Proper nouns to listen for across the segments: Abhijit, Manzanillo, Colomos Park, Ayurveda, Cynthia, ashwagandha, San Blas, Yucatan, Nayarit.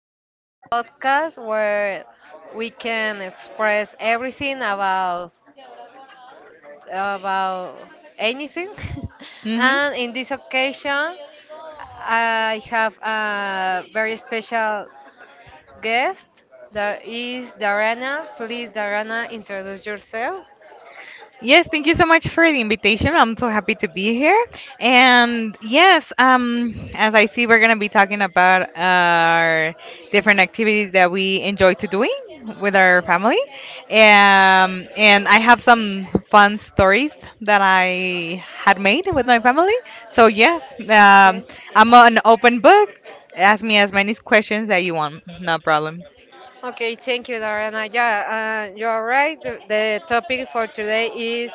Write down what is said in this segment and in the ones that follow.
this podcast where we can express everything about anything. Hmm. And in this occasion, I have a very special guest. That is Darana. Please, Darana, introduce yourself. Yes, thank you so much for the invitation. I'm so happy to be here. And yes, as I see, we're gonna be talking about our different activities that we enjoy to doing with our family. And I have some fun stories that I had made with my family. So yes, um, Okay. I'm an open book. Ask me as many questions that you want. No problem. Okay, thank you, Dariana. Yeah, you're right. The topic for today is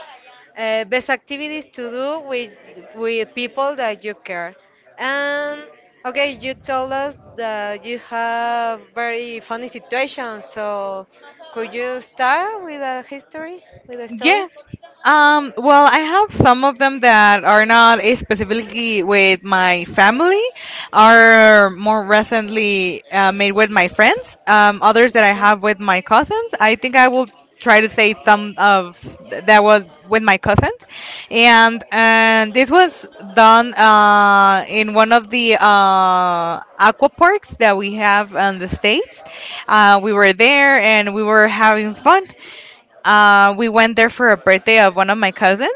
best activities to do with people that you care. And okay, you told us that you have very funny situations. So, could you start with a history, with a story? Yes. Well, I have some of them that are not specifically with my family, are more recently made with my friends. Others that I Okay. have with my cousins. I think I will try to say some of that was with my cousins, and this was done in one of the aqua parks that we have in the states. We were there and we were having fun. We went there for a birthday of one of my cousins,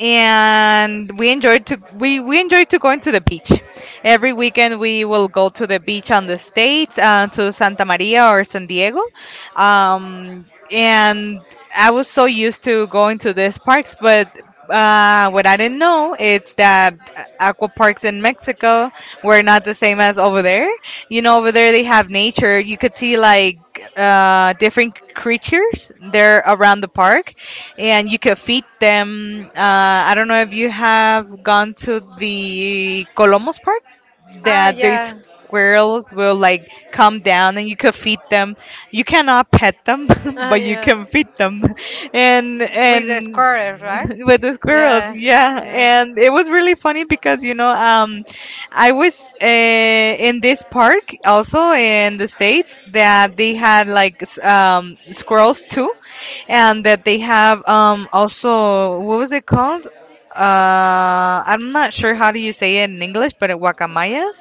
and we enjoyed to going to the beach. Every weekend we will go to the beach on the states to Santa Maria or San Diego, um, and I was so used to going to these parks, but. What I didn't know is that aqua parks in Mexico were not the same as over there. You know, over there they have nature. You could see like different creatures. They're around the park, and you can feed them. I don't know if you have gone to the Colomos Park Ah, that the yeah. squirrels will like come down and you could feed them. You cannot pet them, Ah, but you yeah. can feed them. And With the and squares, right? with the squirrels, Yeah. yeah. Yeah. And it was really funny because I was in this park also in the states that they had like squirrels too and that they have also what was it called? I'm not sure how do you say it in English, but it guacamayas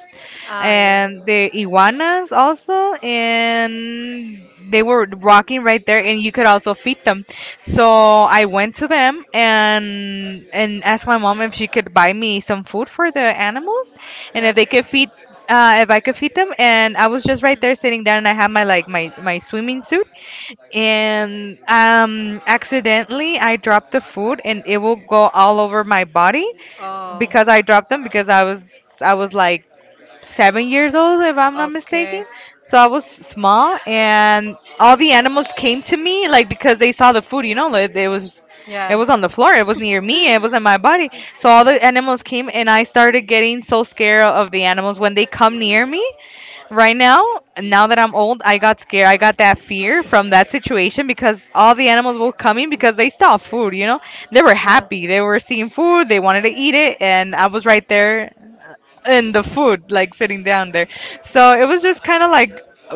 Ah, yeah. and the iguanas also, and they were walking right there, and you could also feed them. So I went to them and asked my mom if she could buy me some food for the animals, and Yeah. If I could feed them. And I was just right there sitting down, and I had my like my swimming suit, and accidentally I dropped the food and it will go all over my body Oh. because I dropped them because I was like 7 years old if I'm not Okay. mistaken. So I was small and all the animals came to me like because they saw the food, you know, like it was it Yeah. was on the floor. It was near me. It was in my body. So all the animals came, and I started getting so scared of the animals when they come near me right now. Now that I'm old, I got scared, I got that fear from that situation because all the animals were coming because they saw food, they were Yeah. happy, they were seeing food, they wanted to eat it, and I was right there in the food, like sitting down there. So it was just kind of like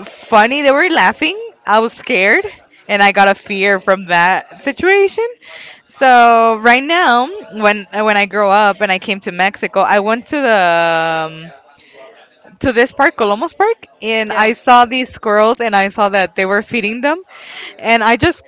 funny, they were laughing, I was scared, and I got a fear from that situation. So right now, when I grow up and I came to Mexico, I went to this park, Colomos Park, and Yeah. I saw these squirrels and I saw that they were feeding them. And I just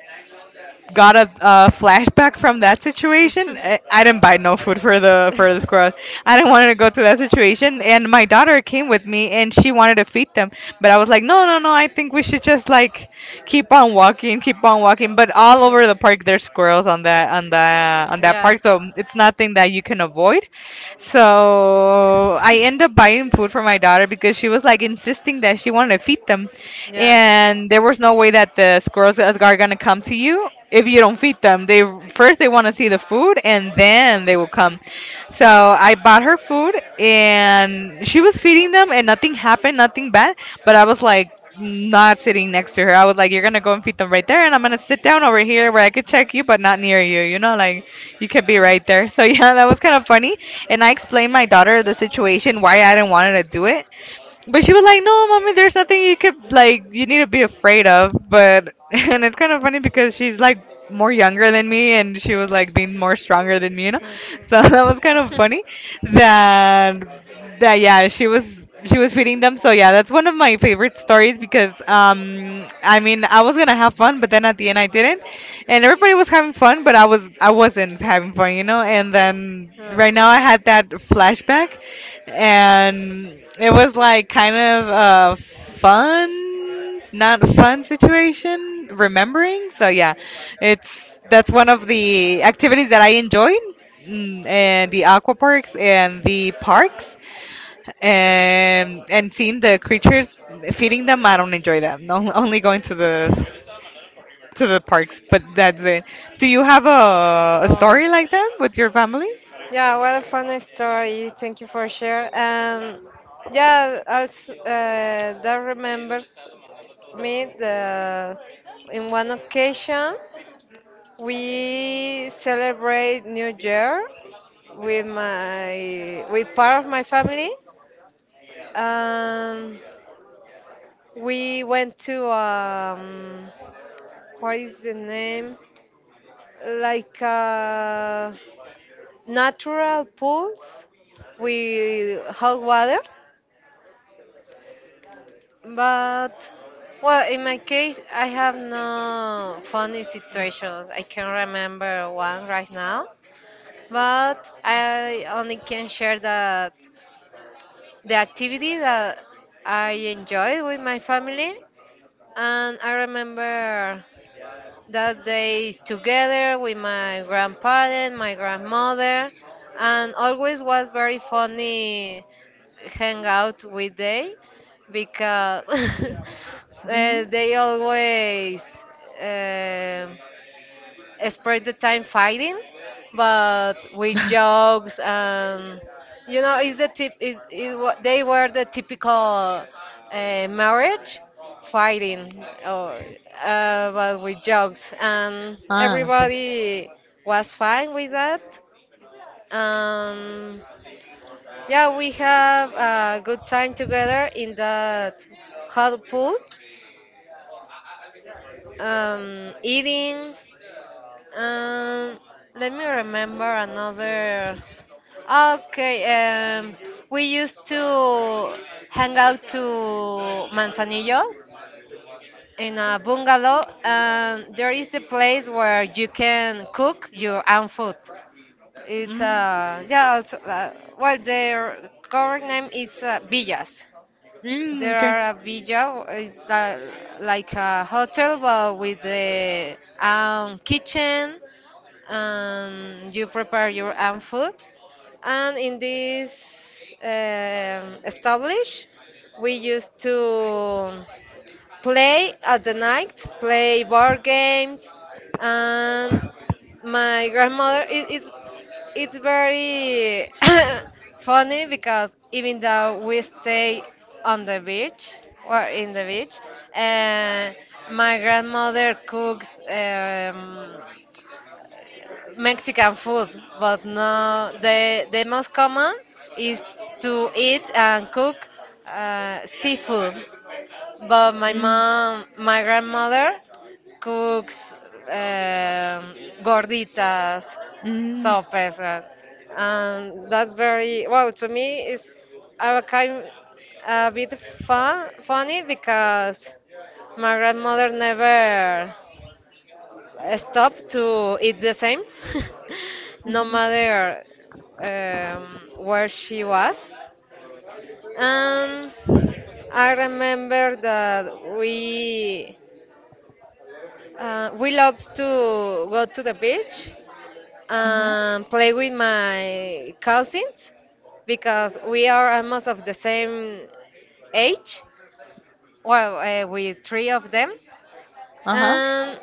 got a flashback from that situation. I didn't buy no food for the squirrels. I didn't want to go through that situation, and my daughter came with me, and she wanted to feed them, but I was like, no, no, no. I think we should just like keep on walking, keep on walking. But all Cool. over the park, there's squirrels on that Yeah. park, so it's nothing that you can avoid. So I end up buying food for my daughter because she was like insisting that she wanted to feed them, Yeah. Yeah. and there was no way that the squirrels are gonna come to you if you don't feed them. They first they want to see the food, and then they will come. So I bought her food, and she was feeding them, and nothing happened, nothing bad. But I was like, not sitting next to her, I was like, you're gonna go and feed them right there and I'm gonna sit down over here where I could check you but not near you, you know, like you could be right there. So yeah, that was kind of funny, and I explained my daughter the situation why I didn't want her to do it. But she was like, "No, mommy, there's nothing you could like you need to be afraid of." But and it's kind of funny because she's like more younger than me, and she was like being more stronger than me, you know. Awesome. So that was kind of funny that that yeah, she was feeding them. So yeah, that's one of my favorite stories because I mean I was gonna have fun, but then at the end I didn't, and everybody was having fun, but I wasn't having fun, you know. And then Yeah. right now I had that flashback, and it was like kind of a fun, not fun situation. Remembering, so yeah, it's that's one of the activities that I enjoyed, and the aqua parks and the parks, and seeing the creatures, feeding them. I don't enjoy that. No, only going to the parks, but that's it. Do you have a Oh, story like that with your family? yeah, what a funny story. Thank you for share. Yeah, also that remembers me the in one occasion. We celebrate New Year with my with part of my family. Um, we went to what is the name? Like a natural pools with hot water. But well, in my case, I have no funny situations. I can remember one right now, but I only can share that the activity that I enjoy with my family, and I remember that days together with my grandparent, my grandmother, and always was very funny hangout with they because Hmm. they always um spend the time fighting, but with jokes and you know, it's the tip. They were the typical marriage fighting, or, but with jokes, and Ah, okay. everybody was fine with that. Um, yeah, we have a good time together in that hot pool, eating. Um, let me remember another. Okay, um, we used to hang out to Manzanillo in a bungalow. There is the place where you can cook your own food. It's Mm, yeah, also, well, their correct name is villas. mm, There are a villa, it's like a hotel but with the kitchen, you prepare your own food. And in this establish, we used to play at the night, play board games, and my grandmother it's very funny because even though we stay on the beach or in the beach, uh, my grandmother cooks. Mexican food, but no, the most common is to eat and cook seafood. But my okay. mom, my grandmother cooks um, gorditas, Mm. sopes, and that's very well to me. It's a kind a bit funny because my grandmother never stop to eat the same, no matter where she was. And I remember that we loved to go to the beach Mmh mh. and play with my cousins because we are almost of the same age. Well, with three of them, Ah ah. and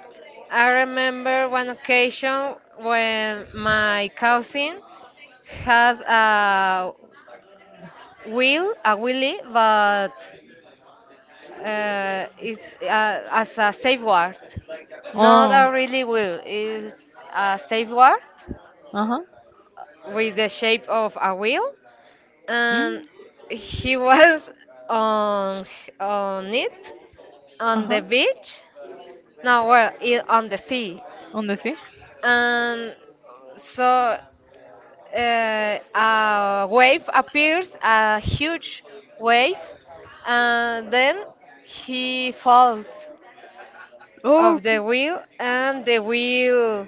I remember one occasion when my cousin had a wheel, a wheelie, but it's as a safeguard, not Oh. a really wheel. It's a safeguard Ah. with the shape of a wheel, Mm. Mmh. and he was on on it Ah on the ah. beach. No, well, on the sea. En. Um, so a wave appears, a huge wave, and then he falls Oh, of okay. the wheel, and the wheel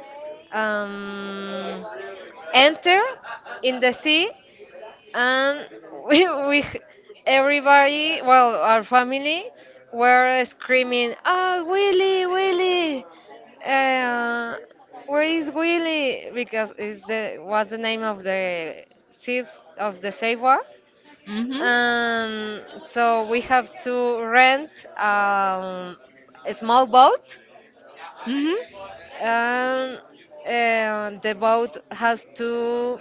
um, enter in the sea, and we everybody well our family were screaming oh willie willie uh, where is willie because it's the was the name of the chief of the saver Mhm. and so we have to rent um, a small boat Mhm. and the boat has to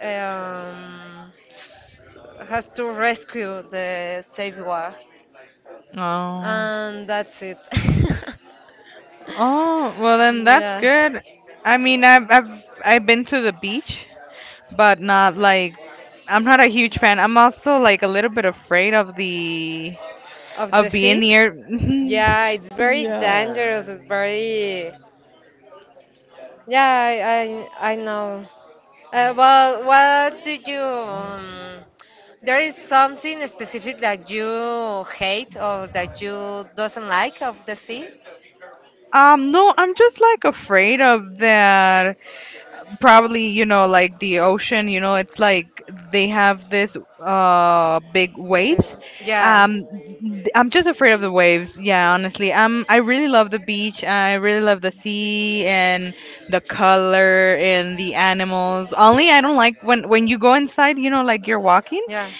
um, s- has to rescue the savior, Oh. and that's it. Oh, well then that's yeah, good. I mean, I've been to the beach, but not like I'm not a huge fan. I'm also like a little bit afraid of the of the of being sea. near. Yeah, it's very Yeah. dangerous. It's very. Yeah, I know. Well, what do you? There is something specific that you hate or that you doesn't like of the sea. No, I'm just like afraid of that probably, you know, like the ocean, you know, it's like they have this big waves. The, yeah, Um th- i'm just afraid of the waves. Yeah, honestly, I really love the beach, I really love the sea and the color and the animals. Only I don't like when you go inside, you know, like you're walking yeah,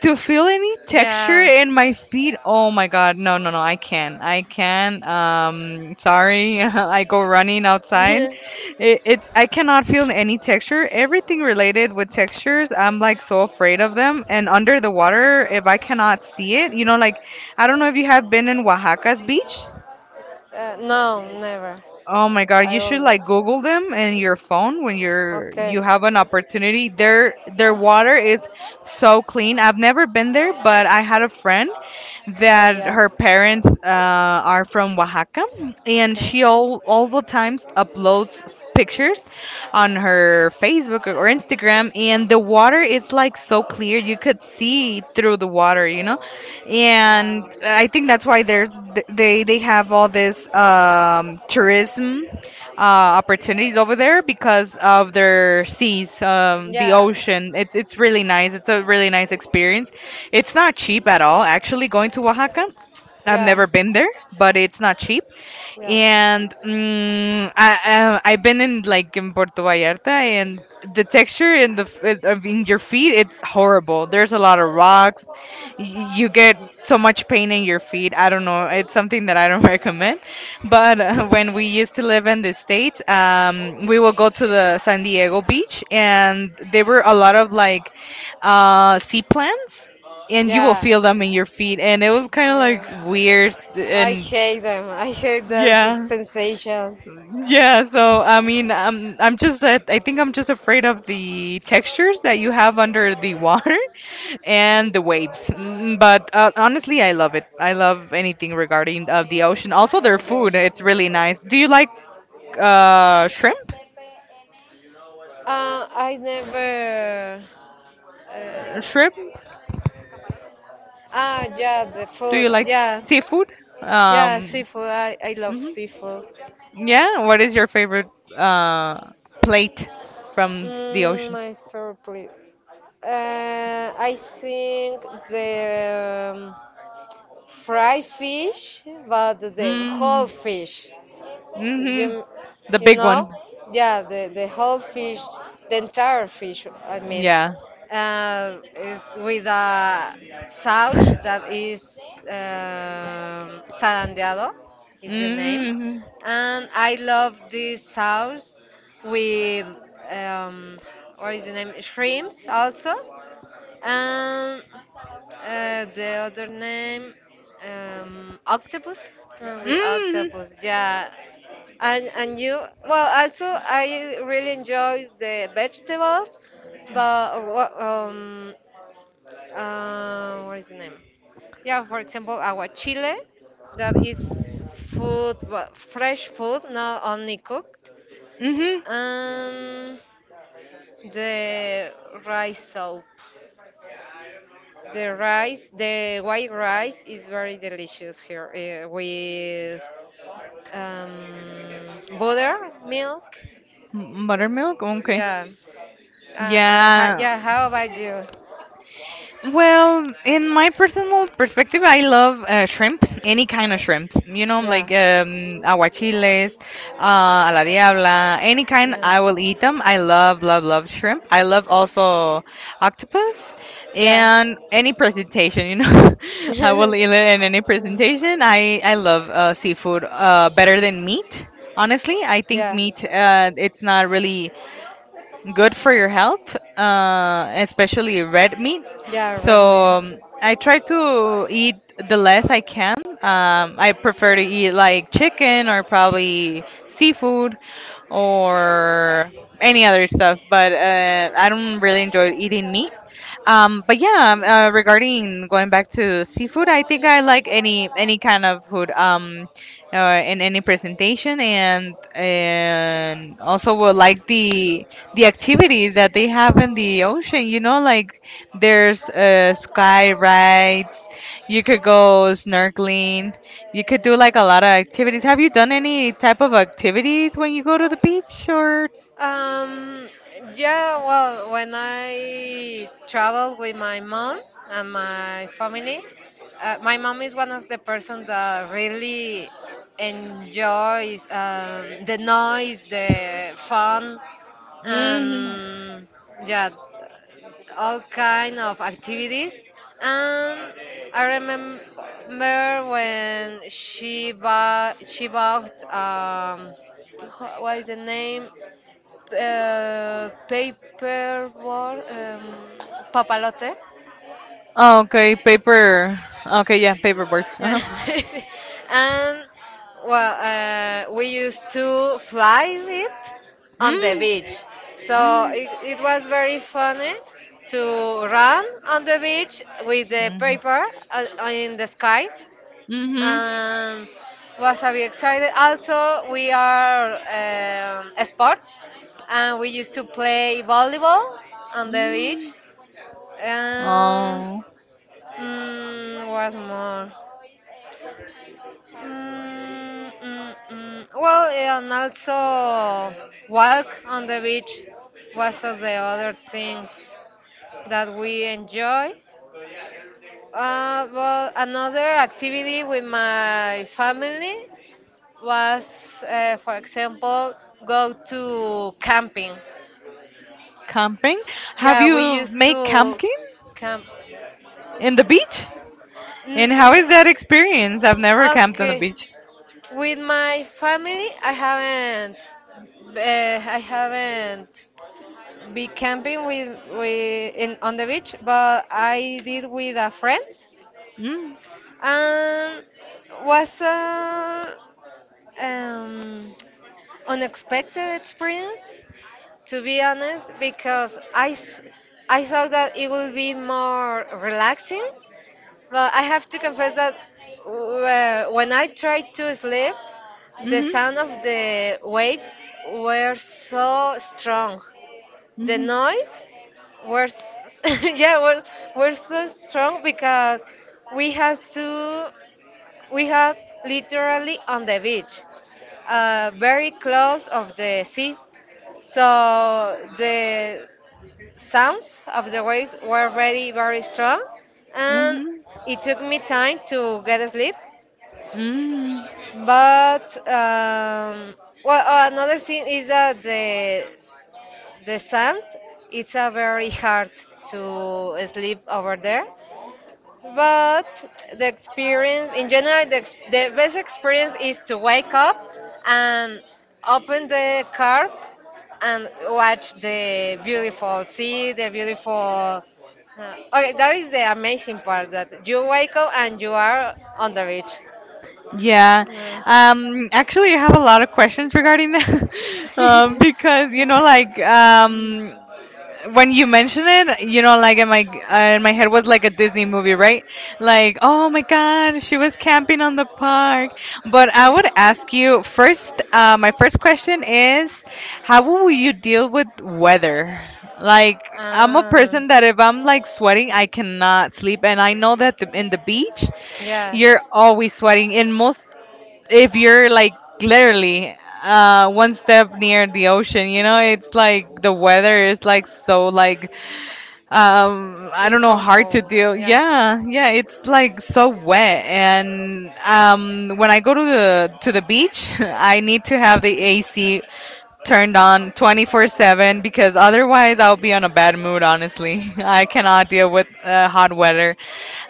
to feel any texture in my feet. Oh my god, no, no, no, I can't, I can't, sorry. I go running outside. yeah. It's I cannot feel any texture, everything related with textures I'm like so afraid of them, and under the water if I cannot see it, you know, like I don't know if you have been in Oaxaca's beach. No, never. Oh my god, I you should always. like Google them in your phone when you Okay. have an opportunity. Their Yeah. water is so clean. I've never been there, but I had a friend Ah, that yeah. her parents are from Oaxaca, and Okay. she all the times uploads pictures on her Facebook or Instagram, and the water is like so clear you could see through the water, you know, and Wow. I think that's why there's th- they have all this tourism uh, opportunities over there because of their seas, the Yeah. ocean. It's really nice. It's a really nice experience. It's not cheap at all. Actually, going to Oaxaca, I've Yeah. never been there, but it's not cheap, Yeah. and I've been in Puerto Vallarta, and the texture in the f- it- of in your feet it's horrible. There's a lot of rocks. You get so much pain in your feet. I don't know. It's something that I don't recommend. But when we used to live in the states, we will go to the San Diego beach, and there were a lot of like sea plants. And you will Yeah. feel them in your feet, and it was kind of Yeah. like weird I and hate them. I hate that yeah. sensation. Yeah, so I mean, I'm just I think I'm just afraid of the textures that you have under the water and the waves. But honestly, I love it. I love anything regarding of the ocean. Also, their Oh, food, gosh. it's really nice. Do you like shrimp? I never. Uh, Shrimp? Ah, yeah, the Do food. you like Yeah, seafood? yeah, Um, seafood. I love mhm. seafood. Yeah. What is your favorite uh plate from the Mm, ocean? my favorite. I think the. Fry fish, but the Mm, whole fish. mhm. You, The you big know? one. Yeah, the whole fish, the entire fish, I mean, Yeah. Is with a sauce that is salandeado, is the name. Hmm. And I love this sauce with, um, what is the name? Shrimps also. And. The other name, octopus. With Mm. octopus, yeah. And you, well, also I really enjoy the vegetables, but what is the name? Yeah, for example, aguachile, that is food, but fresh food, not only cooked, Hmm. Mm. and the rice soup. The rice, the white rice is very delicious here with butter, milk. Hmm. Buttermilk? Okay. Yeah. Yeah. Yeah, how about you? Well, in my personal perspective, I love shrimp, any kind of shrimps. You know, Yeah. like aguachiles, a la diabla, any kind, Yeah. I will eat them. I love, love, love shrimp. I love also octopus Yeah. and any presentation, you know. I will eat it in any Mm, presentation. I love seafood better than meat. Honestly, I think yeah. meat, it's not really good for your health, especially red meat. Yeah, So red meat. um, I try to eat the less I can. I prefer to eat like chicken or probably seafood or any other stuff, but I don't really enjoy eating meat. But yeah, regarding going back to seafood, I think I like any kind of food, in any presentation, and also will like the activities that they have in the ocean. Like there's sky rides. You could go snorkeling. You could do like a lot of activities. Have you done any type of activities when you go to the beach or? Um, yeah, well, when I travel with my mom and my family, my mom is one of the person that really enjoys the noise, the fun, Hmm. and yeah, all kind of activities. And I remember when she bought what is the name? Paper war, papalote. Okay, paper. Okay, yeah, paperwork. Yeah. And well, we used to fly it on the Mm, beach. So mm, it was very funny to run on the beach with the mhm, paper in the sky. mhm, And was very excited. Also, we are sports, and we used to play volleyball on the mm. beach. Um, Oh, mm, what more? Mm, mm, mm. Well, and also walk on the beach was of the other things that we enjoy. Well, another activity with my family was, for example, go to camping. camping. Have Yeah, we you used made to camping camp. in the beach? And Mm, how is that mm, experience? I've never camped on the okay. beach. With my family, I haven't. I haven't be camping with in on the beach, but I did with a friends, Mm, and was a um, unexpected experience, to be honest, because I thought that it would be more relaxing. Well, I have to confess that when I tried to sleep, the mm-hmm, sound of the waves were so strong. The mm-hmm, were s- yeah were, were so strong because we had to we had literally on the beach, very close of the sea. So the sounds of the waves were very, very strong, and mm-hmm, it took me time to get asleep. mm. But well, another thing is that the sand it's a very hard to sleep over there but the experience, in general, the best experience is to wake up and open the car and watch the beautiful sea, the beautiful. Okay, that is the amazing part that you wake up and you are on the beach. Yeah. Uh, Actually, I have a lot of questions regarding that. Because like, when you mention it, in my head was like a Disney movie, right? Like, oh my God, she was camping on the park. But I would ask you first. My first question is, how will you deal with weather? Like, I'm a ah. person that if I'm like sweating, I cannot sleep, and I know that in the beach, Yeah. you're always sweating. In most, if you're like literally one step near the ocean, it's like the weather is like so like, I In don't know, hard to comfort. deal. Yeah. Yeah, yeah, it's like so wet. And when I go to the beach, I need to have the AC turned on 24/7 because otherwise I'll be on a bad mood, honestly. I cannot deal with hot weather.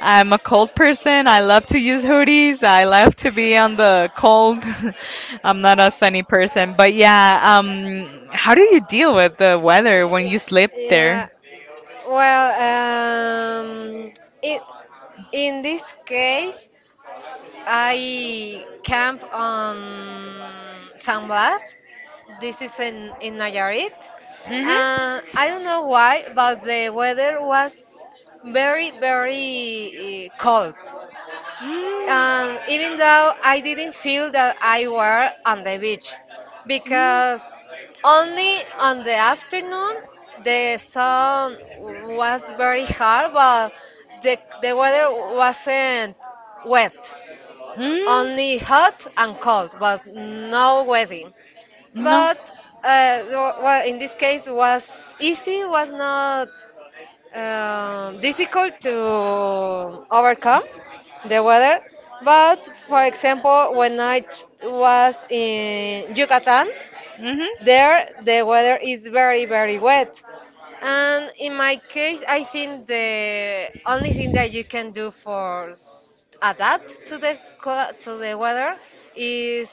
I'm a cold person. I love to use hoodies. I love to be on the cold. I'm not a sunny person. But yeah, how do you deal with the weather when Yeah. you sleep Yeah. there? Well, it, in this case, I camp on San Blas. This is in Nayarit. Mhm. I don't know why, but the weather was very, very cold. And even though I didn't feel that I were on the beach because only on the afternoon the sun was very hard but the weather wasn't wet Mm, only hot and cold but no wedding no. but well, in this case was easy was not difficult to overcome the weather. But for example, when was in Yucatan, Mhm. there, the weather is very, very wet. And in my case, I think the only thing that you can do for adapt to the to the weather is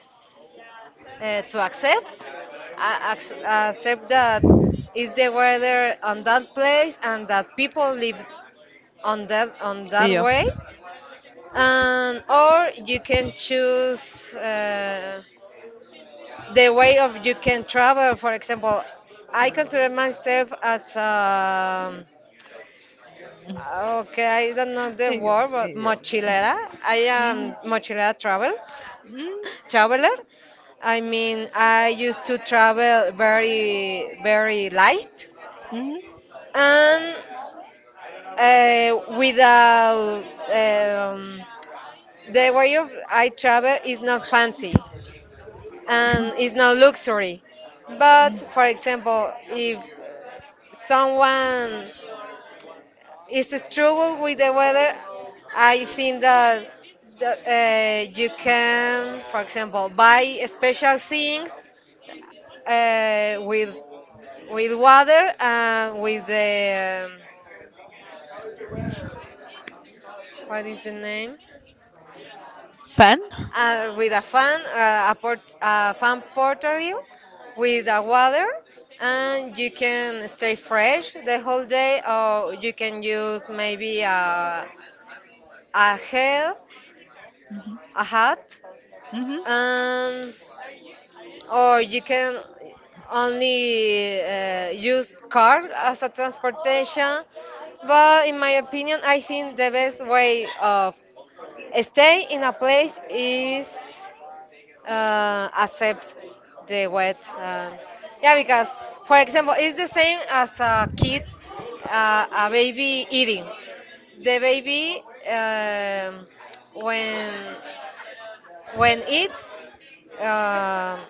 to accept accept that is the weather on that place and that people live on that Yo. way and or you can choose the way of you can travel for example I consider myself as okay I don't know the word Yo. but Yo. mochilera I am Mhm. mochilera travel Mm, traveler I mean I used to travel very very light mhm. and without um, the way of I travel is not fancy and it's not luxury. But for example, if someone is struggle with the weather, I think that you can, for example, buy special things uh, with with water and with the what is the name? Fan? With a fan, a fan portable with a water, and you can stay fresh the whole day, or you can use maybe a hat, a hat Mhm. um, or you can only use car as a transportation but in my opinion I think the best way of stay in a place is accept the wet yeah because for example it's the same as a kid a baby eating the baby um, when eats um,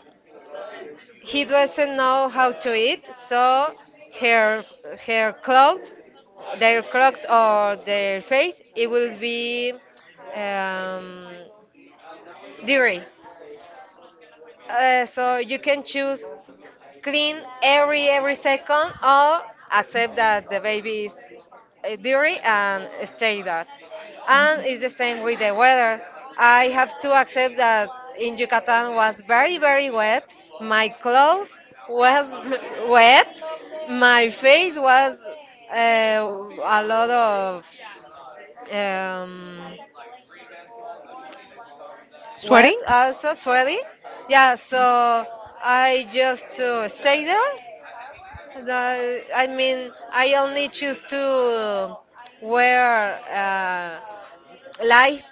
he doesn't know how to eat, so her her clothes, their clothes or their face, it will be um, dirty. So you can choose clean every second or accept that the baby is dirty and stay that. And it's the same with the weather. I have to accept that in Yucatan was very very wet. My clothes was wet. My face was a lot of um, wet Sweating? also sweaty yeah so I just stay there. I mean I only choose to wear light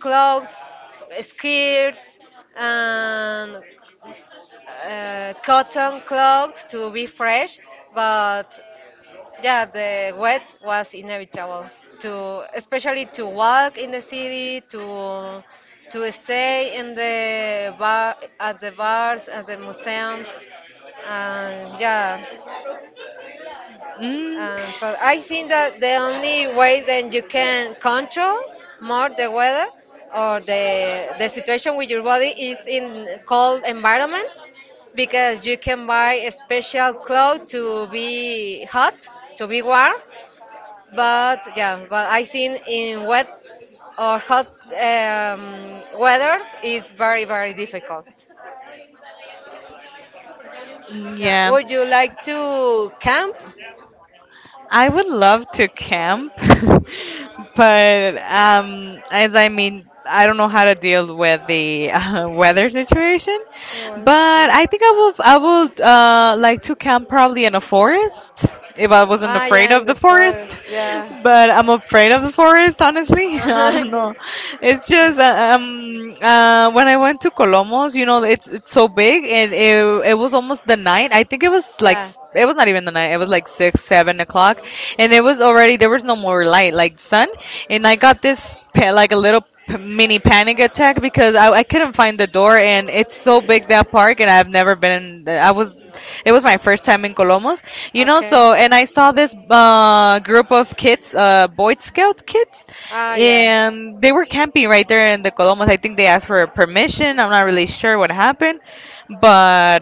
clothes skirts and cotton clothes to be fresh but yeah, the wet was inevitable especially to walk in the city, to stay in the bar at the bars, at the museums, and yeah. Mm, And so I think that the only way that you can control more the weather or the situation with your body is in cold environments because you can buy a special clothes to be hot, to be warm, but yeah, but I think in wet or hot weathers it's very very difficult. Yeah, yeah. would you like to camp? I would love to camp, but as I mean, I don't know how to deal with the weather situation. Or stay? But I think I will. I would like to camp probably in a forest if I wasn't Ah, afraid yeah, in of the the forest, forest. Yeah. but I'm afraid of the forest, honestly. I don't Okay. know. It's just when I went to Colomos, it's so big, and it was almost the night. I think it was like Yeah. s- it was not even the night. It was like 6, 7 o'clock, and it was already there was no more light, like sun, and I got this like a little mini panic attack because I couldn't find the door, and it's so big that park, and I've never been in, I was it was my first time in Colomos, Okay. so, and I saw this group of kids, boy scout kids, Ah, yeah. and they were camping right there in the Colomas. I think they asked for permission. I'm not really sure what happened, but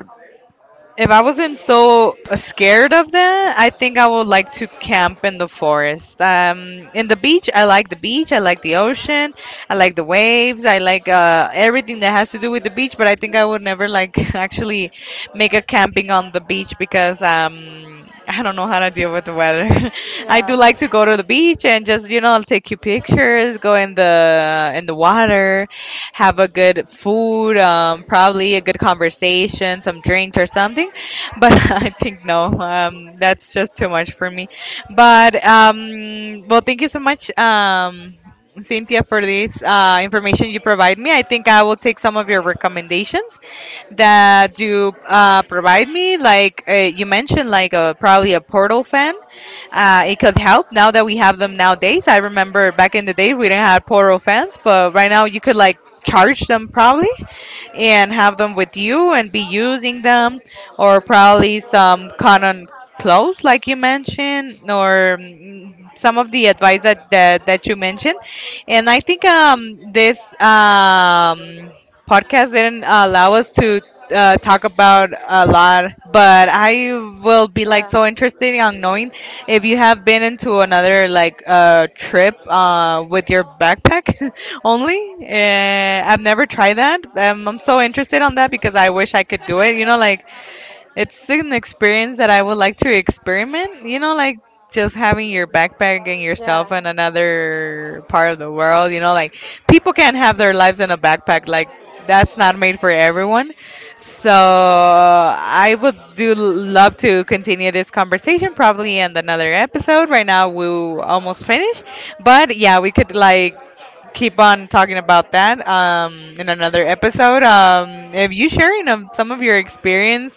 if I wasn't so scared of that, I think I would like to camp in the forest. In the beach, I like the beach. I like the ocean. I like the waves. I like everything that has to do with the beach. But I think I would never like actually make a camping on the beach because I don't know how to deal with the weather. I do Yeah. like to go to the beach and just take your pictures, go in the water, have a good food, probably a good conversation, some drinks or something. But I think no, that's just too much for me. But well, thank you so much, Cynthia, for this information you provide me. I think I will take some of your recommendations that you provide me. Like you mentioned, like a, probably a Portal fan. It could help now that we have them nowadays. I remember back in the day we didn't have portal fans, but right now you could like charge them probably and have them with you and be using them, or probably some cotton clothes, like you mentioned, or some of the advice that, you mentioned. And I think this podcast didn't allow us to talk about a lot, but I will be like Yeah. so interested on knowing if you have been into another like trip with your backpack only. I've never tried that. I'm so interested on that because I wish I could do it. Like it's an experience that I would like to experiment. Like just having your backpack and yourself Yeah. in another part of the world. Like people can't have their lives in a backpack. Like that's not made for everyone. So I would do love to continue this conversation probably in another episode. Right now we almost finished, but yeah, we could like keep on talking about that in another episode. If you sharing of some of your experience,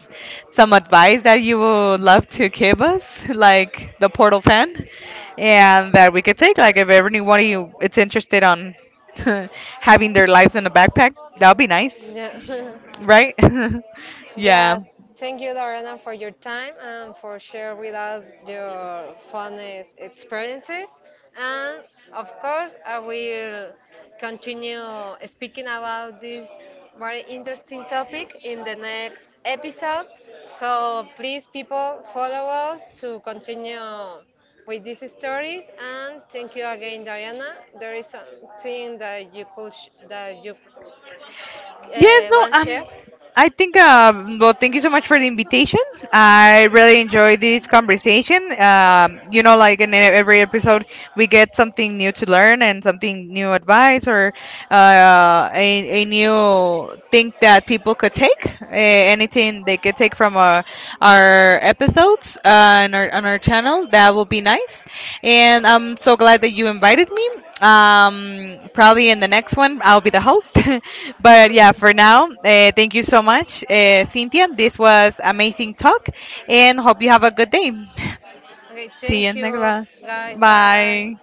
some advice that you would love to give us, like the portal fan, and that we could take, like if anyone of you it's interested on having their lives in a backpack, that would be nice, Yeah. Yeah. right? Yeah. Yes, thank you, Lorena, for your time and for sharing with us your funniest experiences. And of course, I will continue speaking about this very interesting topic in the next episodes. So please, people, follow us to continue with these stories. And thank you again, Diana. There is something that you could that you Yes. No. want to share. I think, well, thank you so much for the invitation. I really enjoy this conversation. Like in every episode, we get something new to learn and something new advice or a new thing that people could take, anything they could take from our episodes on our channel. That will be nice. And I'm so glad that you invited me. Probably in the next one, I'll be the host. But Okay. yeah, for now, thank you so much, Cynthia. This was amazing talk, and hope you have a good day. Okay, See you thank next you class. guys. Bye. Bye.